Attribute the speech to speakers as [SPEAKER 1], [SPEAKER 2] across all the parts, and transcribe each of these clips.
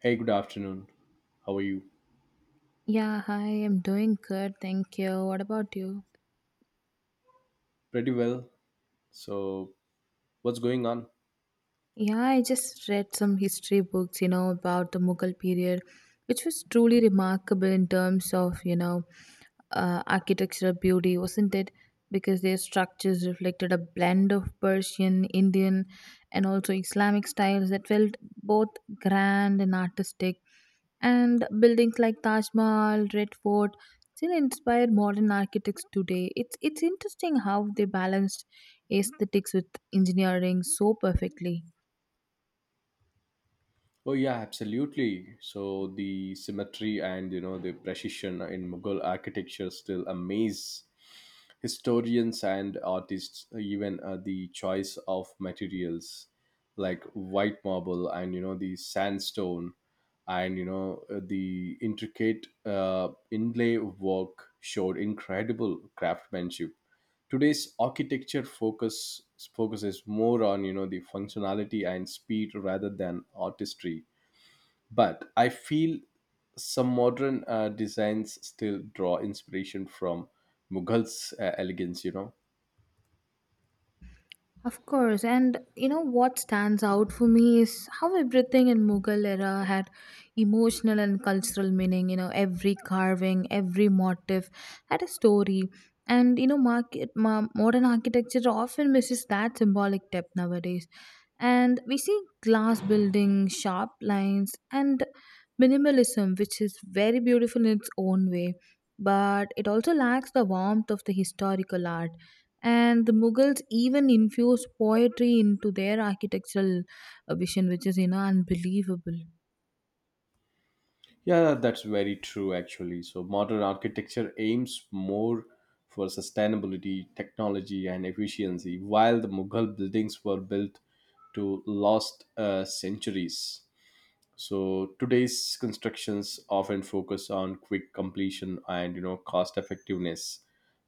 [SPEAKER 1] Hey, good afternoon. How are you?
[SPEAKER 2] Yeah, hi, I'm doing good, thank you. What about you?
[SPEAKER 1] Pretty well. So, what's going on?
[SPEAKER 2] Yeah, I just read some history books, you know, about the Mughal period, which was truly remarkable in terms of, you know, architectural beauty, wasn't it? Because their structures reflected a blend of Persian, Indian, and also Islamic styles that felt both grand and artistic. And buildings like Taj Mahal, Red Fort still inspire modern architects today. It's interesting how they balanced aesthetics with engineering so perfectly.
[SPEAKER 1] Oh yeah, absolutely. So the symmetry and the precision in Mughal architecture still amaze historians and artists. Even the choice of materials like white marble and the sandstone and the intricate inlay work showed incredible craftsmanship. Today's architecture focuses more on the functionality and speed rather than artistry, but I feel some modern designs still draw inspiration from Mughal's elegance.
[SPEAKER 2] Of course, and you know what stands out for me is how everything in Mughal era had emotional and cultural meaning. You know, every carving, every motif had a story, and you know, modern architecture often misses that symbolic depth nowadays. And we see glass buildings, sharp lines, and minimalism, which is very beautiful in its own way, but it also lacks the warmth of the historical art, and the Mughals even infused poetry into their architectural vision, which is, you know, unbelievable.
[SPEAKER 1] Yeah, that's very true actually. So modern architecture aims more for sustainability, technology, and efficiency, while the Mughal buildings were built to last centuries. So today's constructions often focus on quick completion and cost effectiveness.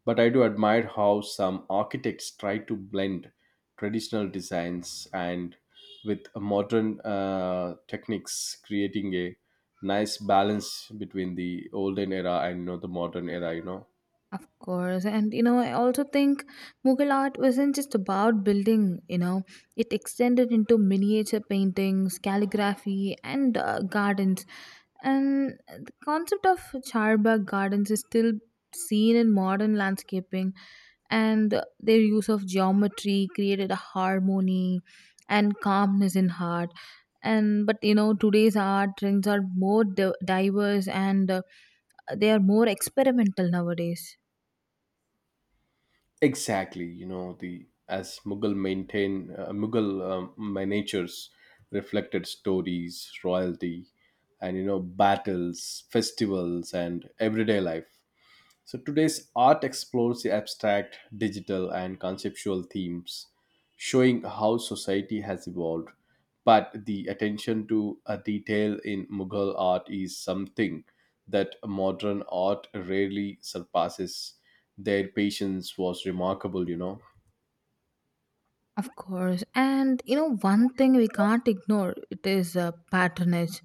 [SPEAKER 1] But I do admire how some architects try to blend traditional designs and with a modern techniques, creating a nice balance between the olden era and the modern era.
[SPEAKER 2] Of course, and you know, I also think Mughal art wasn't just about building. You know, it extended into miniature paintings, calligraphy, and gardens. And the concept of Charbagh gardens is still seen in modern landscaping, and their use of geometry created a harmony and calmness in heart. And but you know, today's art trends are more diverse and they are more experimental nowadays.
[SPEAKER 1] Exactly, the as Mughal maintain Mughal miniatures reflected stories, royalty, and battles, festivals, and everyday life. So today's art explores the abstract, digital, and conceptual themes, showing how society has evolved. But the attention to a detail in Mughal art is something that modern art rarely surpasses. Their patience was remarkable.
[SPEAKER 2] Of course. And you know, one thing we can't ignore it is patronage.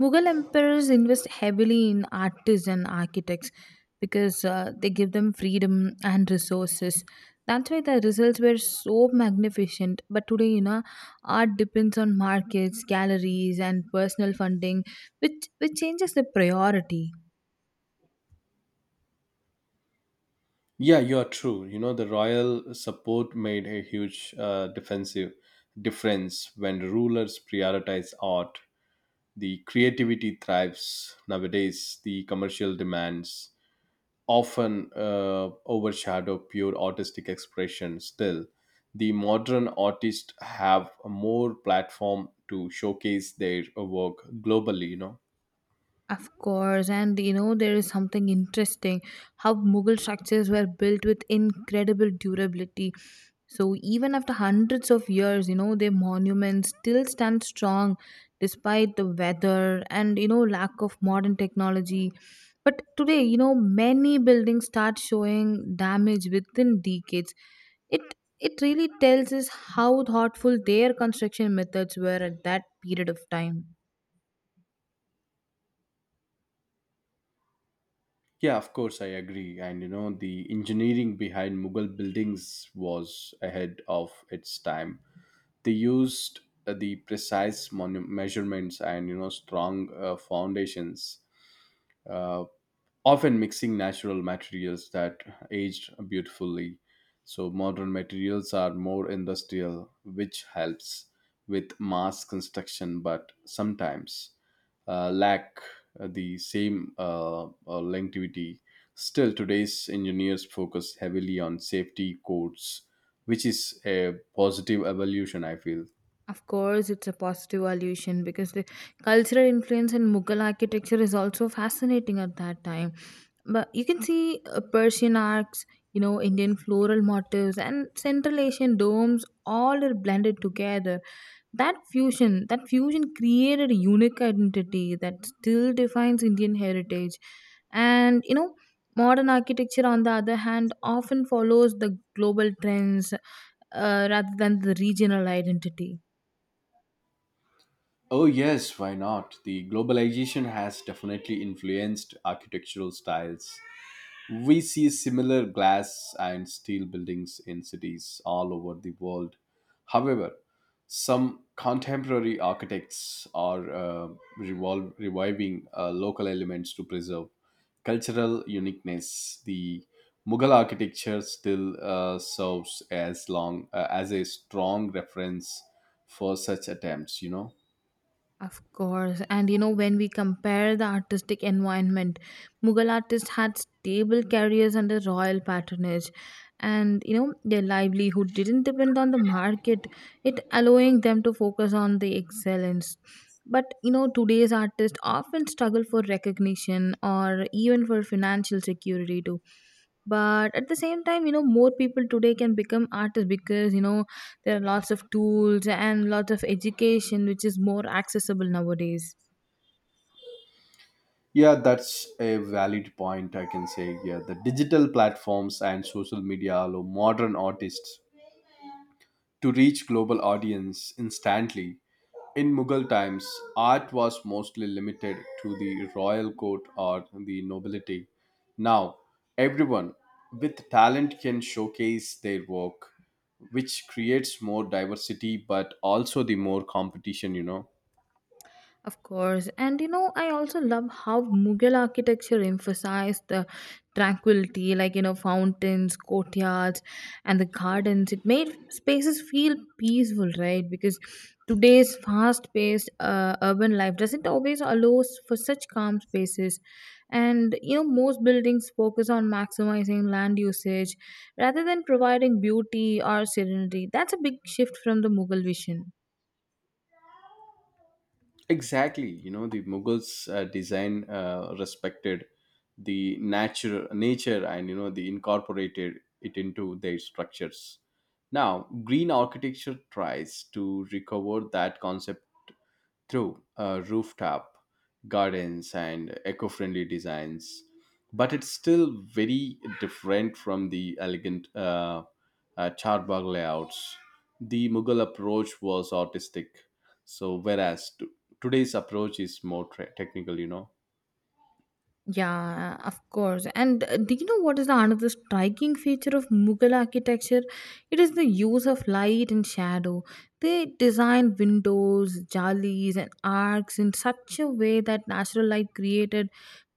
[SPEAKER 2] Mughal emperors invest heavily in artists and architects because they give them freedom and resources. That's why the results were so magnificent. But today, you know, art depends on markets, galleries, and personal funding, which changes the priority.
[SPEAKER 1] Yeah, you are true. You know the royal support made a huge defensive difference. When rulers prioritized art, the creativity thrives. Nowadays the commercial demands often overshadow pure artistic expression. Still, the modern artists have a more platform to showcase their work globally.
[SPEAKER 2] Of course, and you know, there is something interesting how Mughal structures were built with incredible durability. So, even after hundreds of years, you know, their monuments still stand strong despite the weather and you know, lack of modern technology. But today, you know, many buildings start showing damage within decades. It it really tells us how thoughtful their construction methods were at that period of time.
[SPEAKER 1] Yeah, of course I agree. And the engineering behind Mughal buildings was ahead of its time. They used the precise measurements and strong foundations, uh, often mixing natural materials that aged beautifully. So modern materials are more industrial, which helps with mass construction, but sometimes lack the same longevity. Still, today's engineers focus heavily on safety codes, which is a positive evolution, I feel.
[SPEAKER 2] Of course, it's a positive allusion because the cultural influence in Mughal architecture is also fascinating at that time. But you can see Persian arcs, you know, Indian floral motifs, and Central Asian domes all are blended together. That fusion created a unique identity that still defines Indian heritage. And you know, modern architecture, on the other hand, often follows the global trends rather than the regional identity.
[SPEAKER 1] Oh, yes, why not? The globalization has definitely influenced architectural styles. We see similar glass and steel buildings in cities all over the world. However, some contemporary architects are revol reviving local elements to preserve cultural uniqueness. The Mughal architecture still serves as long as a strong reference for such attempts.
[SPEAKER 2] Of course. And you know, when we compare the artistic environment, Mughal artists had stable careers under royal patronage. And you know, their livelihood didn't depend on the market, it allowing them to focus on the excellence. But you know, today's artists often struggle for recognition or even for financial security too. But at the same time, you know, more people today can become artists because you know there are lots of tools and lots of education, which is more accessible nowadays.
[SPEAKER 1] Yeah, that's a valid point, I can say. Yeah, the digital platforms and social media allow modern artists to reach global audience instantly. In Mughal times, art was mostly limited to the royal court or the nobility. Now, everyone with talent can showcase their work, which creates more diversity but also the more competition.
[SPEAKER 2] Of course. And you know, I also love how Mughal architecture emphasized the tranquility, like, you know, fountains, courtyards, and the gardens. It made spaces feel peaceful, right? Because today's fast paced urban life doesn't always allow for such calm spaces. And, you know, most buildings focus on maximizing land usage rather than providing beauty or serenity. That's a big shift from the Mughal vision.
[SPEAKER 1] Exactly, the Mughals design respected the natural nature and they incorporated it into their structures. Now, green architecture tries to recover that concept through rooftop gardens and eco friendly designs, but it's still very different from the elegant charbagh layouts. The Mughal approach was artistic, so whereas today's approach is more technical.
[SPEAKER 2] Yeah, of course. And do you know what is the another striking feature of Mughal architecture? It is the use of light and shadow. They designed windows, jalis, and arcs in such a way that natural light created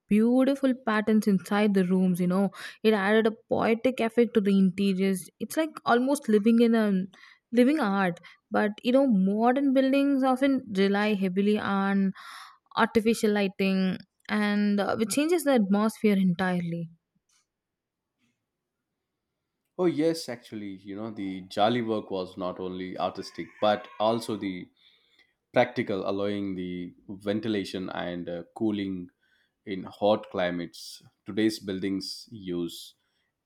[SPEAKER 2] beautiful patterns inside the rooms. You know, it added a poetic effect to the interiors. It's like almost living in a living art. But you know, modern buildings often rely heavily on artificial lighting and which changes the atmosphere entirely.
[SPEAKER 1] Oh, yes, actually, the Jali work was not only artistic but also the practical, allowing the ventilation and cooling in hot climates. Today's buildings use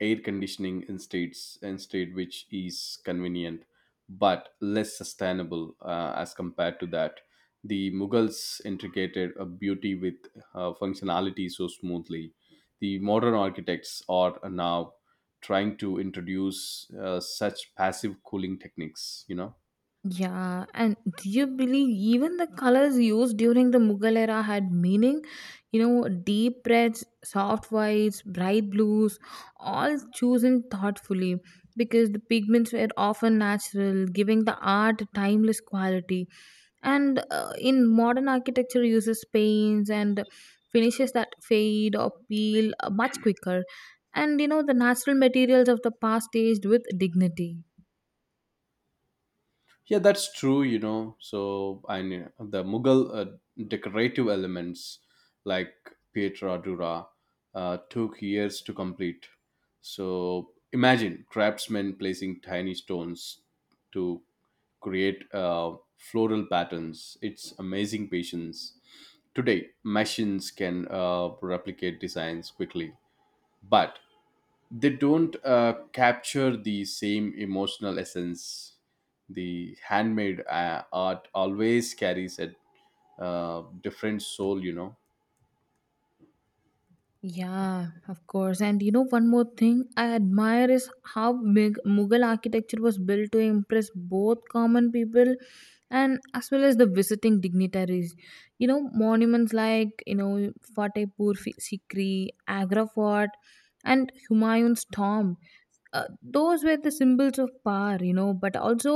[SPEAKER 1] air conditioning instead, which is convenient but less sustainable as compared to that. The Mughals integrated a beauty with functionality so smoothly. The modern architects are now trying to introduce such passive cooling techniques.
[SPEAKER 2] Yeah, and do you believe even the colors used during the Mughal era had meaning? You know, deep reds, soft whites, bright blues, all chosen thoughtfully because the pigments were often natural, giving the art a timeless quality. And in modern architecture, uses paints and finishes that fade or peel much quicker. And you know, the natural materials of the past aged with dignity.
[SPEAKER 1] Yeah, that's true, So I knew the Mughal decorative elements like Pietra Dura took years to complete. So imagine craftsmen placing tiny stones to create floral patterns. It's amazing patience. Today, machines can replicate designs quickly, but they don't capture the same emotional essence. The handmade art always carries a different soul.
[SPEAKER 2] Yeah, of course. And you know, one more thing I admire is how Mughal architecture was built to impress both common people and as well as the visiting dignitaries. You know, monuments like, you know, Sikri, Agra Fort, and Humayun's tomb, those were the symbols of power, you know, but also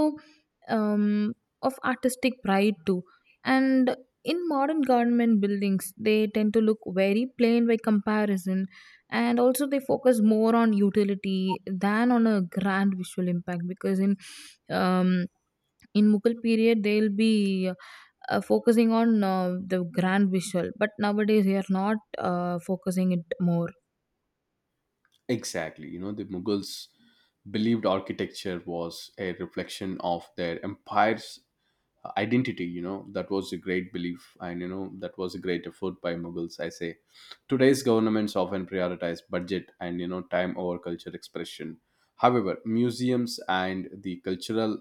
[SPEAKER 2] um, of artistic pride too, and in modern government buildings they tend to look very plain by comparison, and also they focus more on utility than on a grand visual impact, because um, in Mughal period they'll be focusing on the grand visual, but nowadays they are not focusing it more.
[SPEAKER 1] Exactly, the Mughals believed architecture was a reflection of their empire's identity. That was a great belief, and that was a great effort by Mughals, I say. Today's governments often prioritize budget and time over culture expression. However, museums and the cultural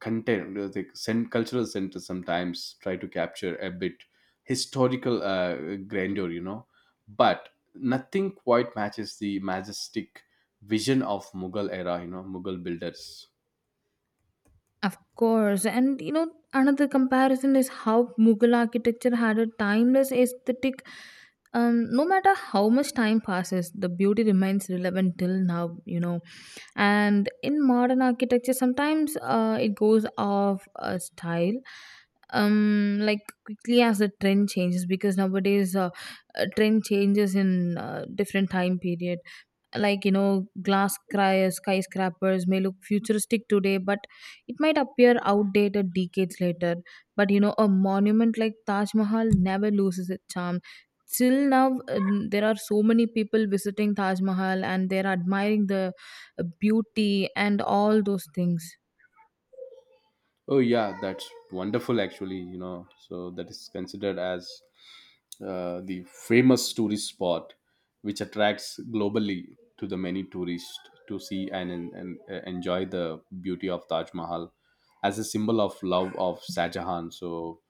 [SPEAKER 1] content uh, the cen- cultural centers sometimes try to capture a bit historical grandeur, but nothing quite matches the majestic vision of Mughal era, Mughal builders.
[SPEAKER 2] Of course, and you know, another comparison is how Mughal architecture had a timeless aesthetic. No matter how much time passes, the beauty remains relevant till now, you know. And in modern architecture, sometimes it goes off style, like quickly as the trend changes, because nowadays trend changes in different time period, like you know glass cry skyscrapers may look futuristic today but it might appear outdated decades later. But you know a monument like Taj Mahal never loses its charm till now. There are so many people visiting Taj Mahal and they're admiring the beauty and all those things.
[SPEAKER 1] Oh yeah, that's wonderful actually, So that is considered as the famous tourist spot which attracts globally to the many tourists to see and enjoy the beauty of Taj Mahal as a symbol of love of Shah Jahan. So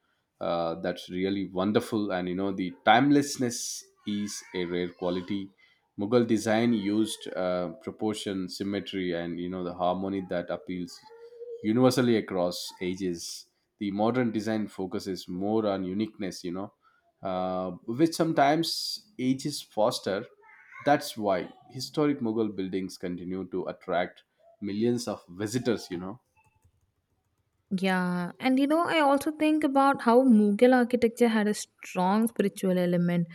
[SPEAKER 1] that's really wonderful, and the timelessness is a rare quality. Mughal design used proportion, symmetry, and the harmony that appeals universally across ages. The modern design focuses more on uniqueness, which sometimes ages faster. That's why historic Mughal buildings continue to attract millions of visitors.
[SPEAKER 2] Yeah, and you know, I also think about how Mughal architecture had a strong spiritual element.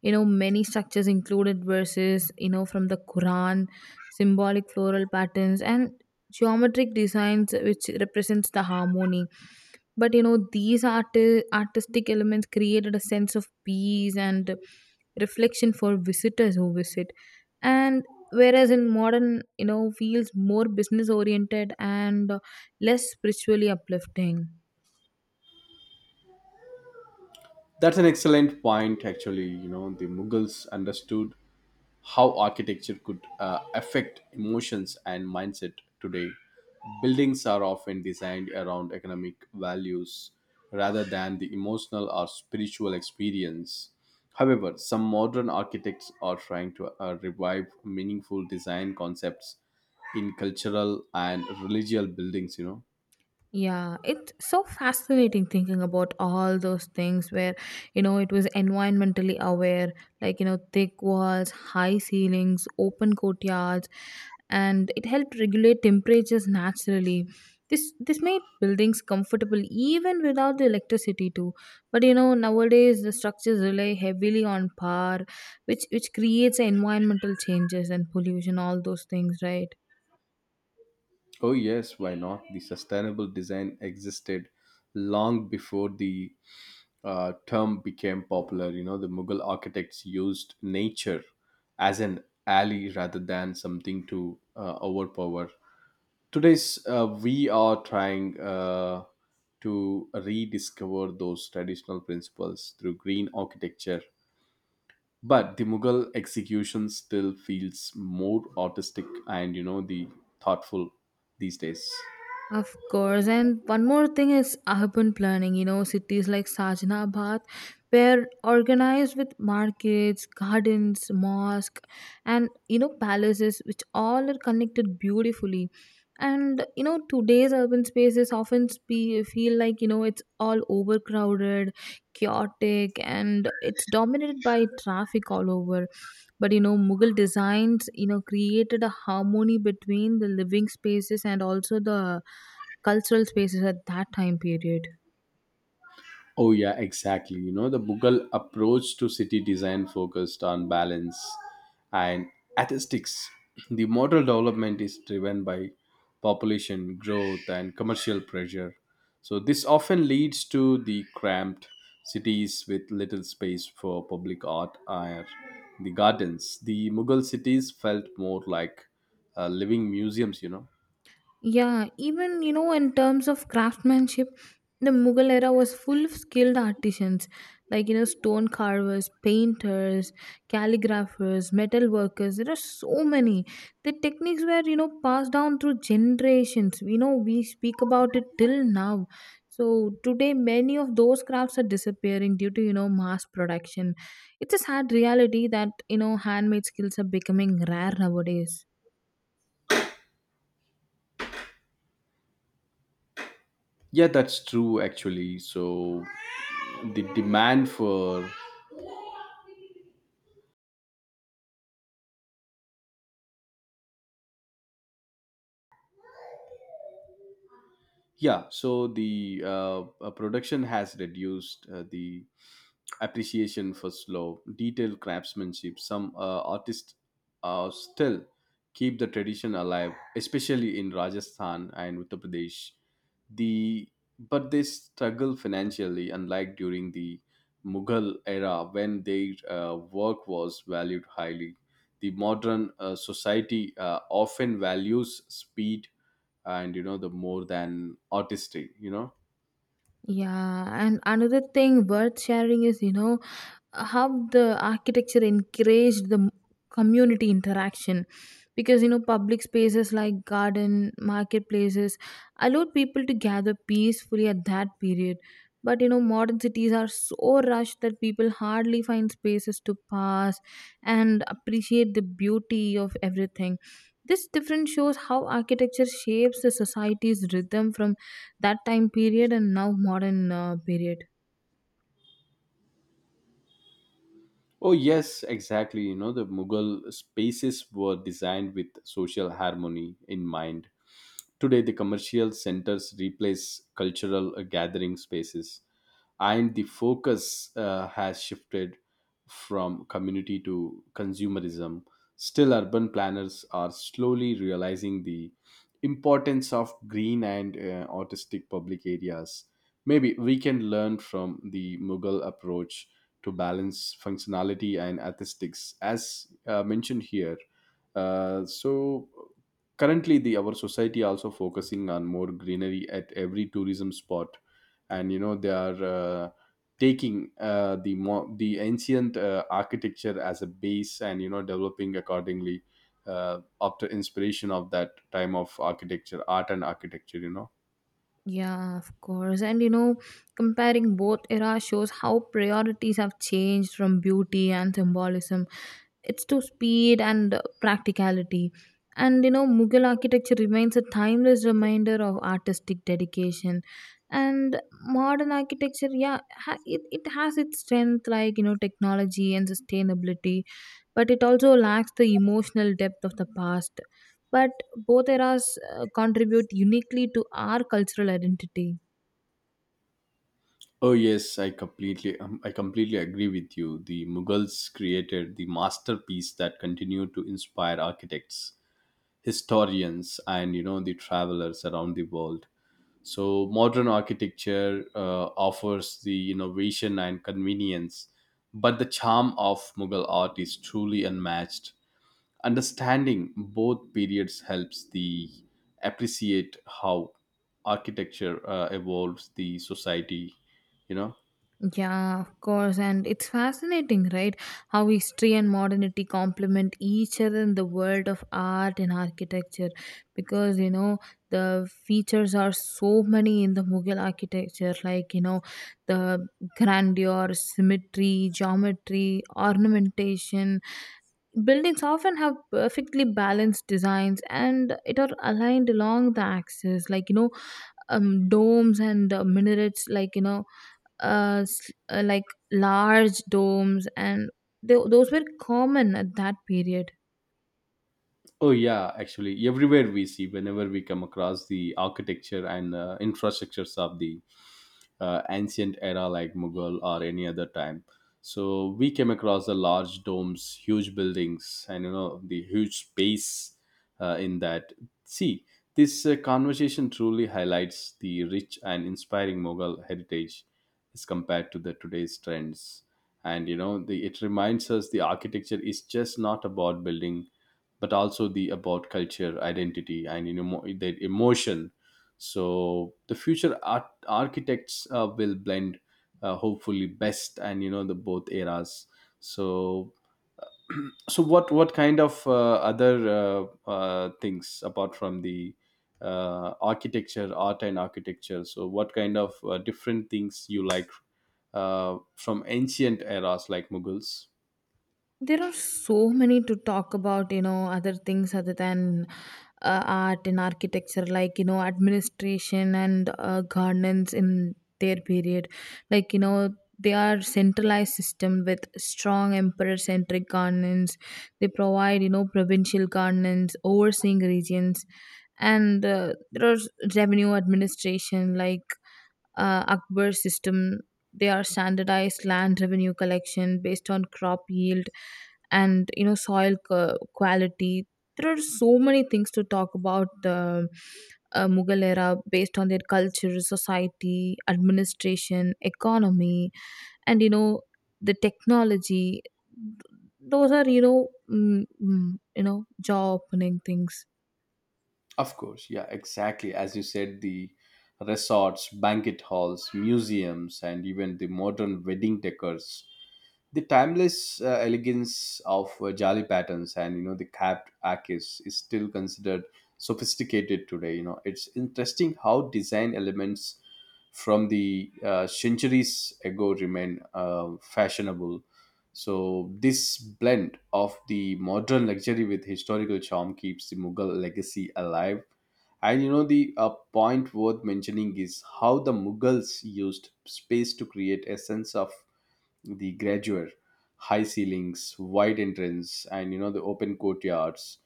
[SPEAKER 2] You know, many structures included verses, you know, from the Quran, symbolic floral patterns, and geometric designs, which represents the harmony. But you know, these artistic elements created a sense of peace and reflection for visitors who visit. And whereas in modern, you know, feels more business oriented and less spiritually uplifting.
[SPEAKER 1] That's an excellent point actually. You know the Mughals understood how architecture could affect emotions and mindset today. Buildings are often designed around economic values rather than the emotional or spiritual experience. However, some modern architects are trying to revive meaningful design concepts in cultural and religious buildings.
[SPEAKER 2] Yeah, it's so fascinating thinking about all those things where, you know, it was environmentally aware, like, you know, thick walls, high ceilings, open courtyards, and it helped regulate temperatures naturally. This made buildings comfortable even without the electricity too. But you know, nowadays the structures rely heavily on power, which creates environmental changes and pollution, all those things, right?
[SPEAKER 1] Oh, yes, why not? The sustainable design existed long before the term became popular. You know, the Mughal architects used nature as an ally rather than something to overpower. Today's we are trying to rediscover those traditional principles through green architecture. But the Mughal execution still feels more artistic and the thoughtful these days.
[SPEAKER 2] Of course, and one more thing is urban planning. You know, cities like Sajnabad were organized with markets, gardens, mosque, and you know palaces, which all are connected beautifully. And you know, today's urban spaces often feel like you know it's all overcrowded, chaotic, and it's dominated by traffic all over. But you know Mughal designs, you know, created a harmony between the living spaces and also the cultural spaces at that time period.
[SPEAKER 1] Oh, yeah, exactly. You know, the Mughal approach to city design focused on balance and aesthetics. The model development is driven by population growth and commercial pressure. So this often leads to the cramped cities with little space for public art or the gardens. The Mughal cities felt more like living museums,
[SPEAKER 2] Yeah, even you know, in terms of craftsmanship, the Mughal era was full of skilled artisans, like you know, stone carvers, painters, calligraphers, metal workers. There are so many. The techniques were you know passed down through generations. You know, we speak about it till now. So today, many of those crafts are disappearing due to you know mass production. It's a sad reality that you know handmade skills are becoming rare nowadays.
[SPEAKER 1] Yeah, that's true actually. So the demand for. Yeah, so the production has reduced. The appreciation for slow, detailed craftsmanship. Some artists still keep the tradition alive, especially in Rajasthan and Uttar Pradesh. The but they struggle financially, unlike during the Mughal era when their work was valued highly. The modern society often values speed and the more than artistry.
[SPEAKER 2] Yeah, and another thing worth sharing is you know, how the architecture encouraged the community interaction, because you know public spaces like garden marketplaces allowed people to gather peacefully at that period. But you know modern cities are so rushed that people hardly find spaces to pass and appreciate the beauty of everything. This difference shows how architecture shapes the society's rhythm from that time period and now modern period.
[SPEAKER 1] Oh, yes, exactly. You know, the Mughal spaces were designed with social harmony in mind. Today, the commercial centers replace cultural gathering spaces, and the focus has shifted from community to consumerism. Still, urban planners are slowly realizing the importance of green and artistic public areas. Maybe we can learn from the Mughal approach to balance functionality and aesthetics, as mentioned here. So currently, the our society also focusing on more greenery at every tourism spot, and they are. Taking the the ancient architecture as a base, and developing accordingly after inspiration of that time of architecture, art and architecture.
[SPEAKER 2] Yeah, of course. And you know, comparing both eras shows how priorities have changed from beauty and symbolism it's to speed and practicality. And you know, Mughal architecture remains a timeless reminder of artistic dedication. And modern architecture, yeah, it has its strength, like, you know, technology and sustainability, but it also lacks the emotional depth of the past. But both eras contribute uniquely to our cultural identity.
[SPEAKER 1] Oh yes, I completely agree with you. The Mughals created the masterpiece that continued to inspire architects, historians, and the travelers around the world. So modern architecture offers the innovation and convenience, but the charm of Mughal art is truly unmatched. Understanding both periods helps the appreciate how architecture evolves the society. You know.
[SPEAKER 2] Yeah, of course. And it's fascinating, right? How history and modernity complement each other in the world of art and architecture. Because, you know, the features are so many in the Mughal architecture, like, you know, the grandeur, symmetry, geometry, ornamentation. Buildings often have perfectly balanced designs and it are aligned along the axis, like you know, domes and minarets, like you know, like large domes, and those were common at that period.
[SPEAKER 1] Oh yeah, actually, everywhere we see, whenever we come across the architecture and infrastructures of the ancient era like Mughal or any other time. So we came across the large domes, huge buildings, and the huge space in that. See, this conversation truly highlights the rich and inspiring Mughal heritage as compared to the today's trends. And, the, it reminds us the architecture is just not about building, but also the about culture, identity, and the emotion. So the future architects will blend hopefully best and the both eras. So so what kind of other things apart from the architecture, art and architecture, so what kind of different things you like from ancient eras like Mughals?
[SPEAKER 2] There are so many to talk about, you know, other things other than art and architecture, like, you know, administration and governance in their period. Like, you know, they are centralized system with strong emperor-centric governance. They provide, you know, provincial governance, overseeing regions, and there are revenue administration, like Akbar system. They are standardized land revenue collection based on crop yield and you know soil quality. There are so many things to talk about the Mughal era based on their culture, society, administration, economy, and you know the technology. Those are you know you know jaw opening things.
[SPEAKER 1] Of course, yeah, exactly as you said, the resorts, banquet halls, museums, and even the modern wedding decors, the timeless elegance of jali patterns and the capped arches is still considered sophisticated today. You know, it's interesting how design elements from the centuries ago remain fashionable. So this blend of the modern luxury with historical charm keeps the Mughal legacy alive. And the point worth mentioning is how the Mughals used space to create a sense of the grandeur. High ceilings, wide entrance, and the open courtyards,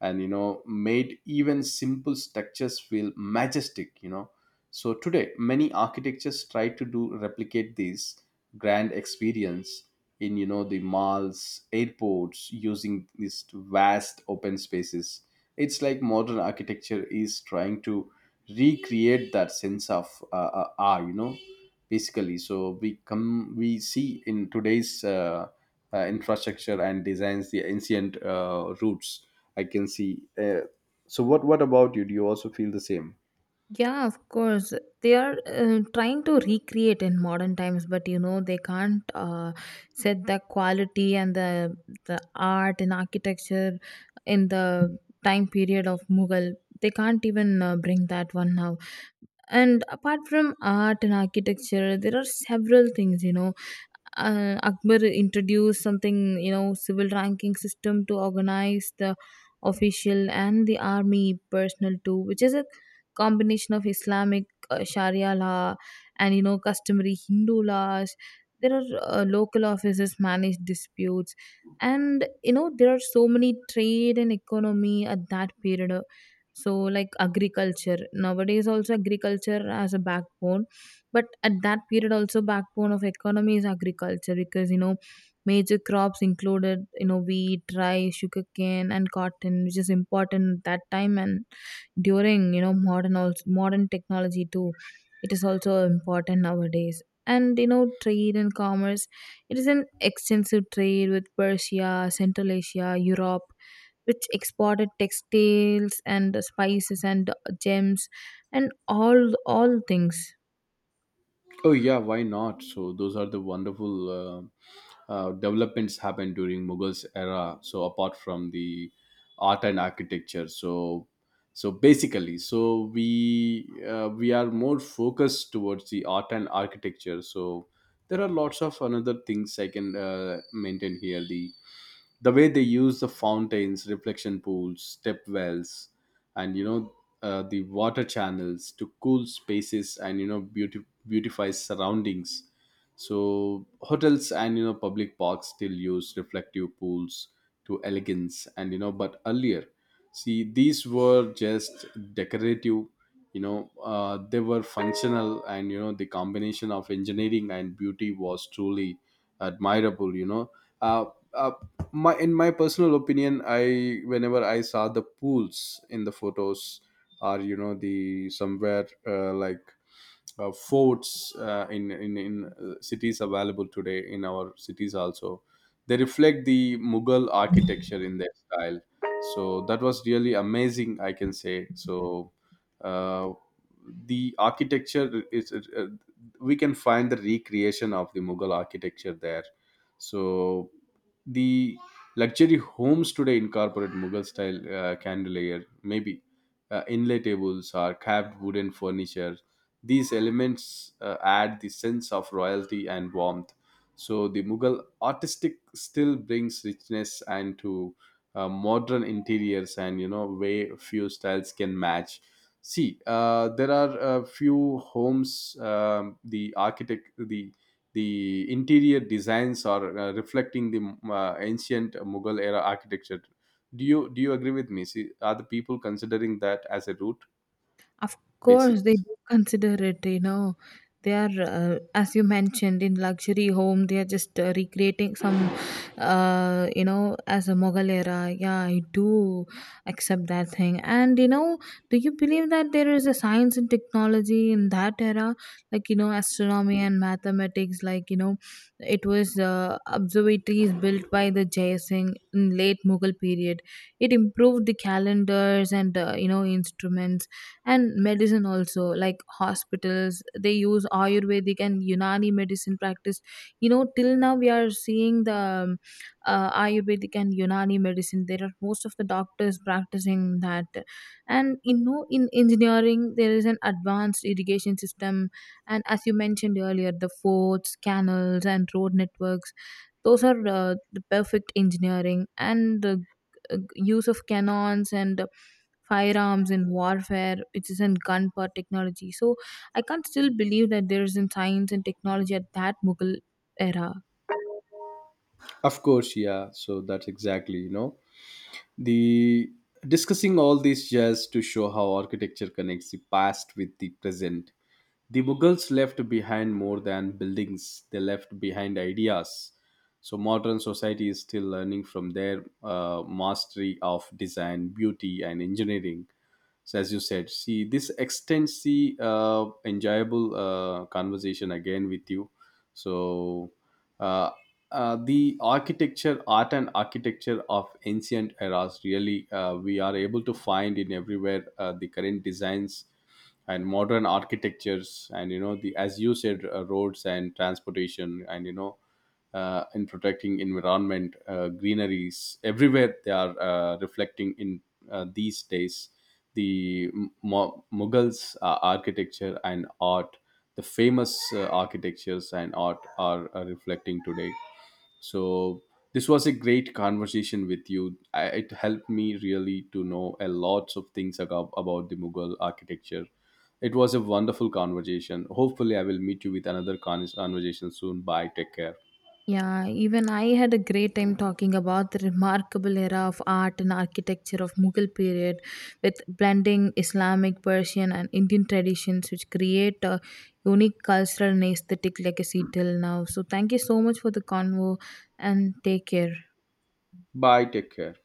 [SPEAKER 1] and made even simple structures feel majestic. You know, so today, many architectures try to do replicate this grand experience in the malls, airports, using these vast open spaces. It's like modern architecture is trying to recreate that sense of you know, basically. So we see in today's infrastructure and designs the ancient roots. I can see. So what about you? Do you also feel the same?
[SPEAKER 2] Yeah, of course. They are trying to recreate in modern times, but you know they can't set the quality and the art and architecture in the time period of Mughal. They can't even bring that one now. And apart from art and architecture, there are several things, you know. Akbar introduced something, you know, civil ranking system to organize the official and the army personnel too, which is a combination of Islamic Sharia law and, you know, customary Hindu laws. There are local offices manage disputes, and you know there are so many trade and economy at that period. So, like agriculture nowadays, also agriculture as a backbone, but at that period, also backbone of economy is agriculture, because you know major crops included you know wheat, rice, sugarcane, and cotton, which is important at that time and during you know modern also modern technology too. It is also important nowadays. And you know, trade and commerce. It is an extensive trade with Persia, Central Asia, Europe, which exported textiles and spices and gems and all things.
[SPEAKER 1] Oh yeah, why not? So those are the wonderful developments happened during Mughals era. So apart from the art and architecture, so so basically, so we are more focused towards the art and architecture. So there are lots of another things I can maintain here. The way they use the fountains, reflection pools, step wells, and the water channels to cool spaces and beautify surroundings. So hotels and public parks still use reflective pools to elegance, and you know, but earlier, see, these were just decorative. They were functional, and you know, the combination of engineering and beauty was truly admirable, uh, uh, my, in my personal opinion, I whenever I saw the pools in the photos or you know, the somewhere, forts, in cities available today, in our cities also, they reflect the Mughal architecture in their style. So that was really amazing, I can say. Uh, the architecture is, we can find the recreation of the Mughal architecture there. So the luxury homes today incorporate Mughal style candelier, maybe inlay tables or carved wooden furniture. These elements add the sense of royalty and warmth. So the Mughal artistic still brings richness and to modern interiors, and you know, way few styles can match. See, there are a few homes. The architect, the interior designs are reflecting the ancient Mughal era architecture. Do you agree with me? See, are the people considering that as a root
[SPEAKER 2] Of course, they
[SPEAKER 1] basis?
[SPEAKER 2] do consider it, you know. They are, as you mentioned, in luxury home, they are just recreating some, you know, as a Mughal era. Yeah, I do accept that thing. And, you know, do you believe that there is a science and technology in that era? Like, you know, astronomy and mathematics, like, you know, it was observatories built by the Jaya Singh in late Mughal period. It improved the calendars and, you know, instruments, and medicine also, like hospitals they use ayurvedic and unani medicine practice. You know till now we are seeing the ayurvedic and unani medicine, there are most of the doctors practicing that. And you know in engineering there is an advanced irrigation system, and as you mentioned earlier the forts, canals, and road networks, those are the perfect engineering, and the use of cannons and firearms in warfare, it is in gun power technology. So I can't still believe that there is in science and technology at that Mughal era.
[SPEAKER 1] Of course, yeah. So that's exactly, you know, the discussing all this just to show how architecture connects the past with the present. The Mughals left behind more than buildings, they left behind ideas. So modern society is still learning from their mastery of design, beauty, and engineering. So, as you said, see, this extends the enjoyable conversation again with you. So, uh, the architecture, art and architecture of ancient eras, really, we are able to find in everywhere the current designs and modern architectures, and you know, the, as you said, roads and transportation, and in protecting environment, greeneries everywhere, they are reflecting in these days the Mughals architecture and art. The famous architectures and art are reflecting today. So this was a great conversation with you. It helped me really to know a lots of things about the Mughal architecture. It was a wonderful conversation. Hopefully, I will meet you with another conversation soon. Bye. Take care.
[SPEAKER 2] Yeah, even I had a great time talking about the remarkable era of art and architecture of Mughal period, with blending Islamic, Persian, and Indian traditions, which create a unique cultural and aesthetic legacy till now. So thank you so much for the convo, and take care.
[SPEAKER 1] Bye. Take care.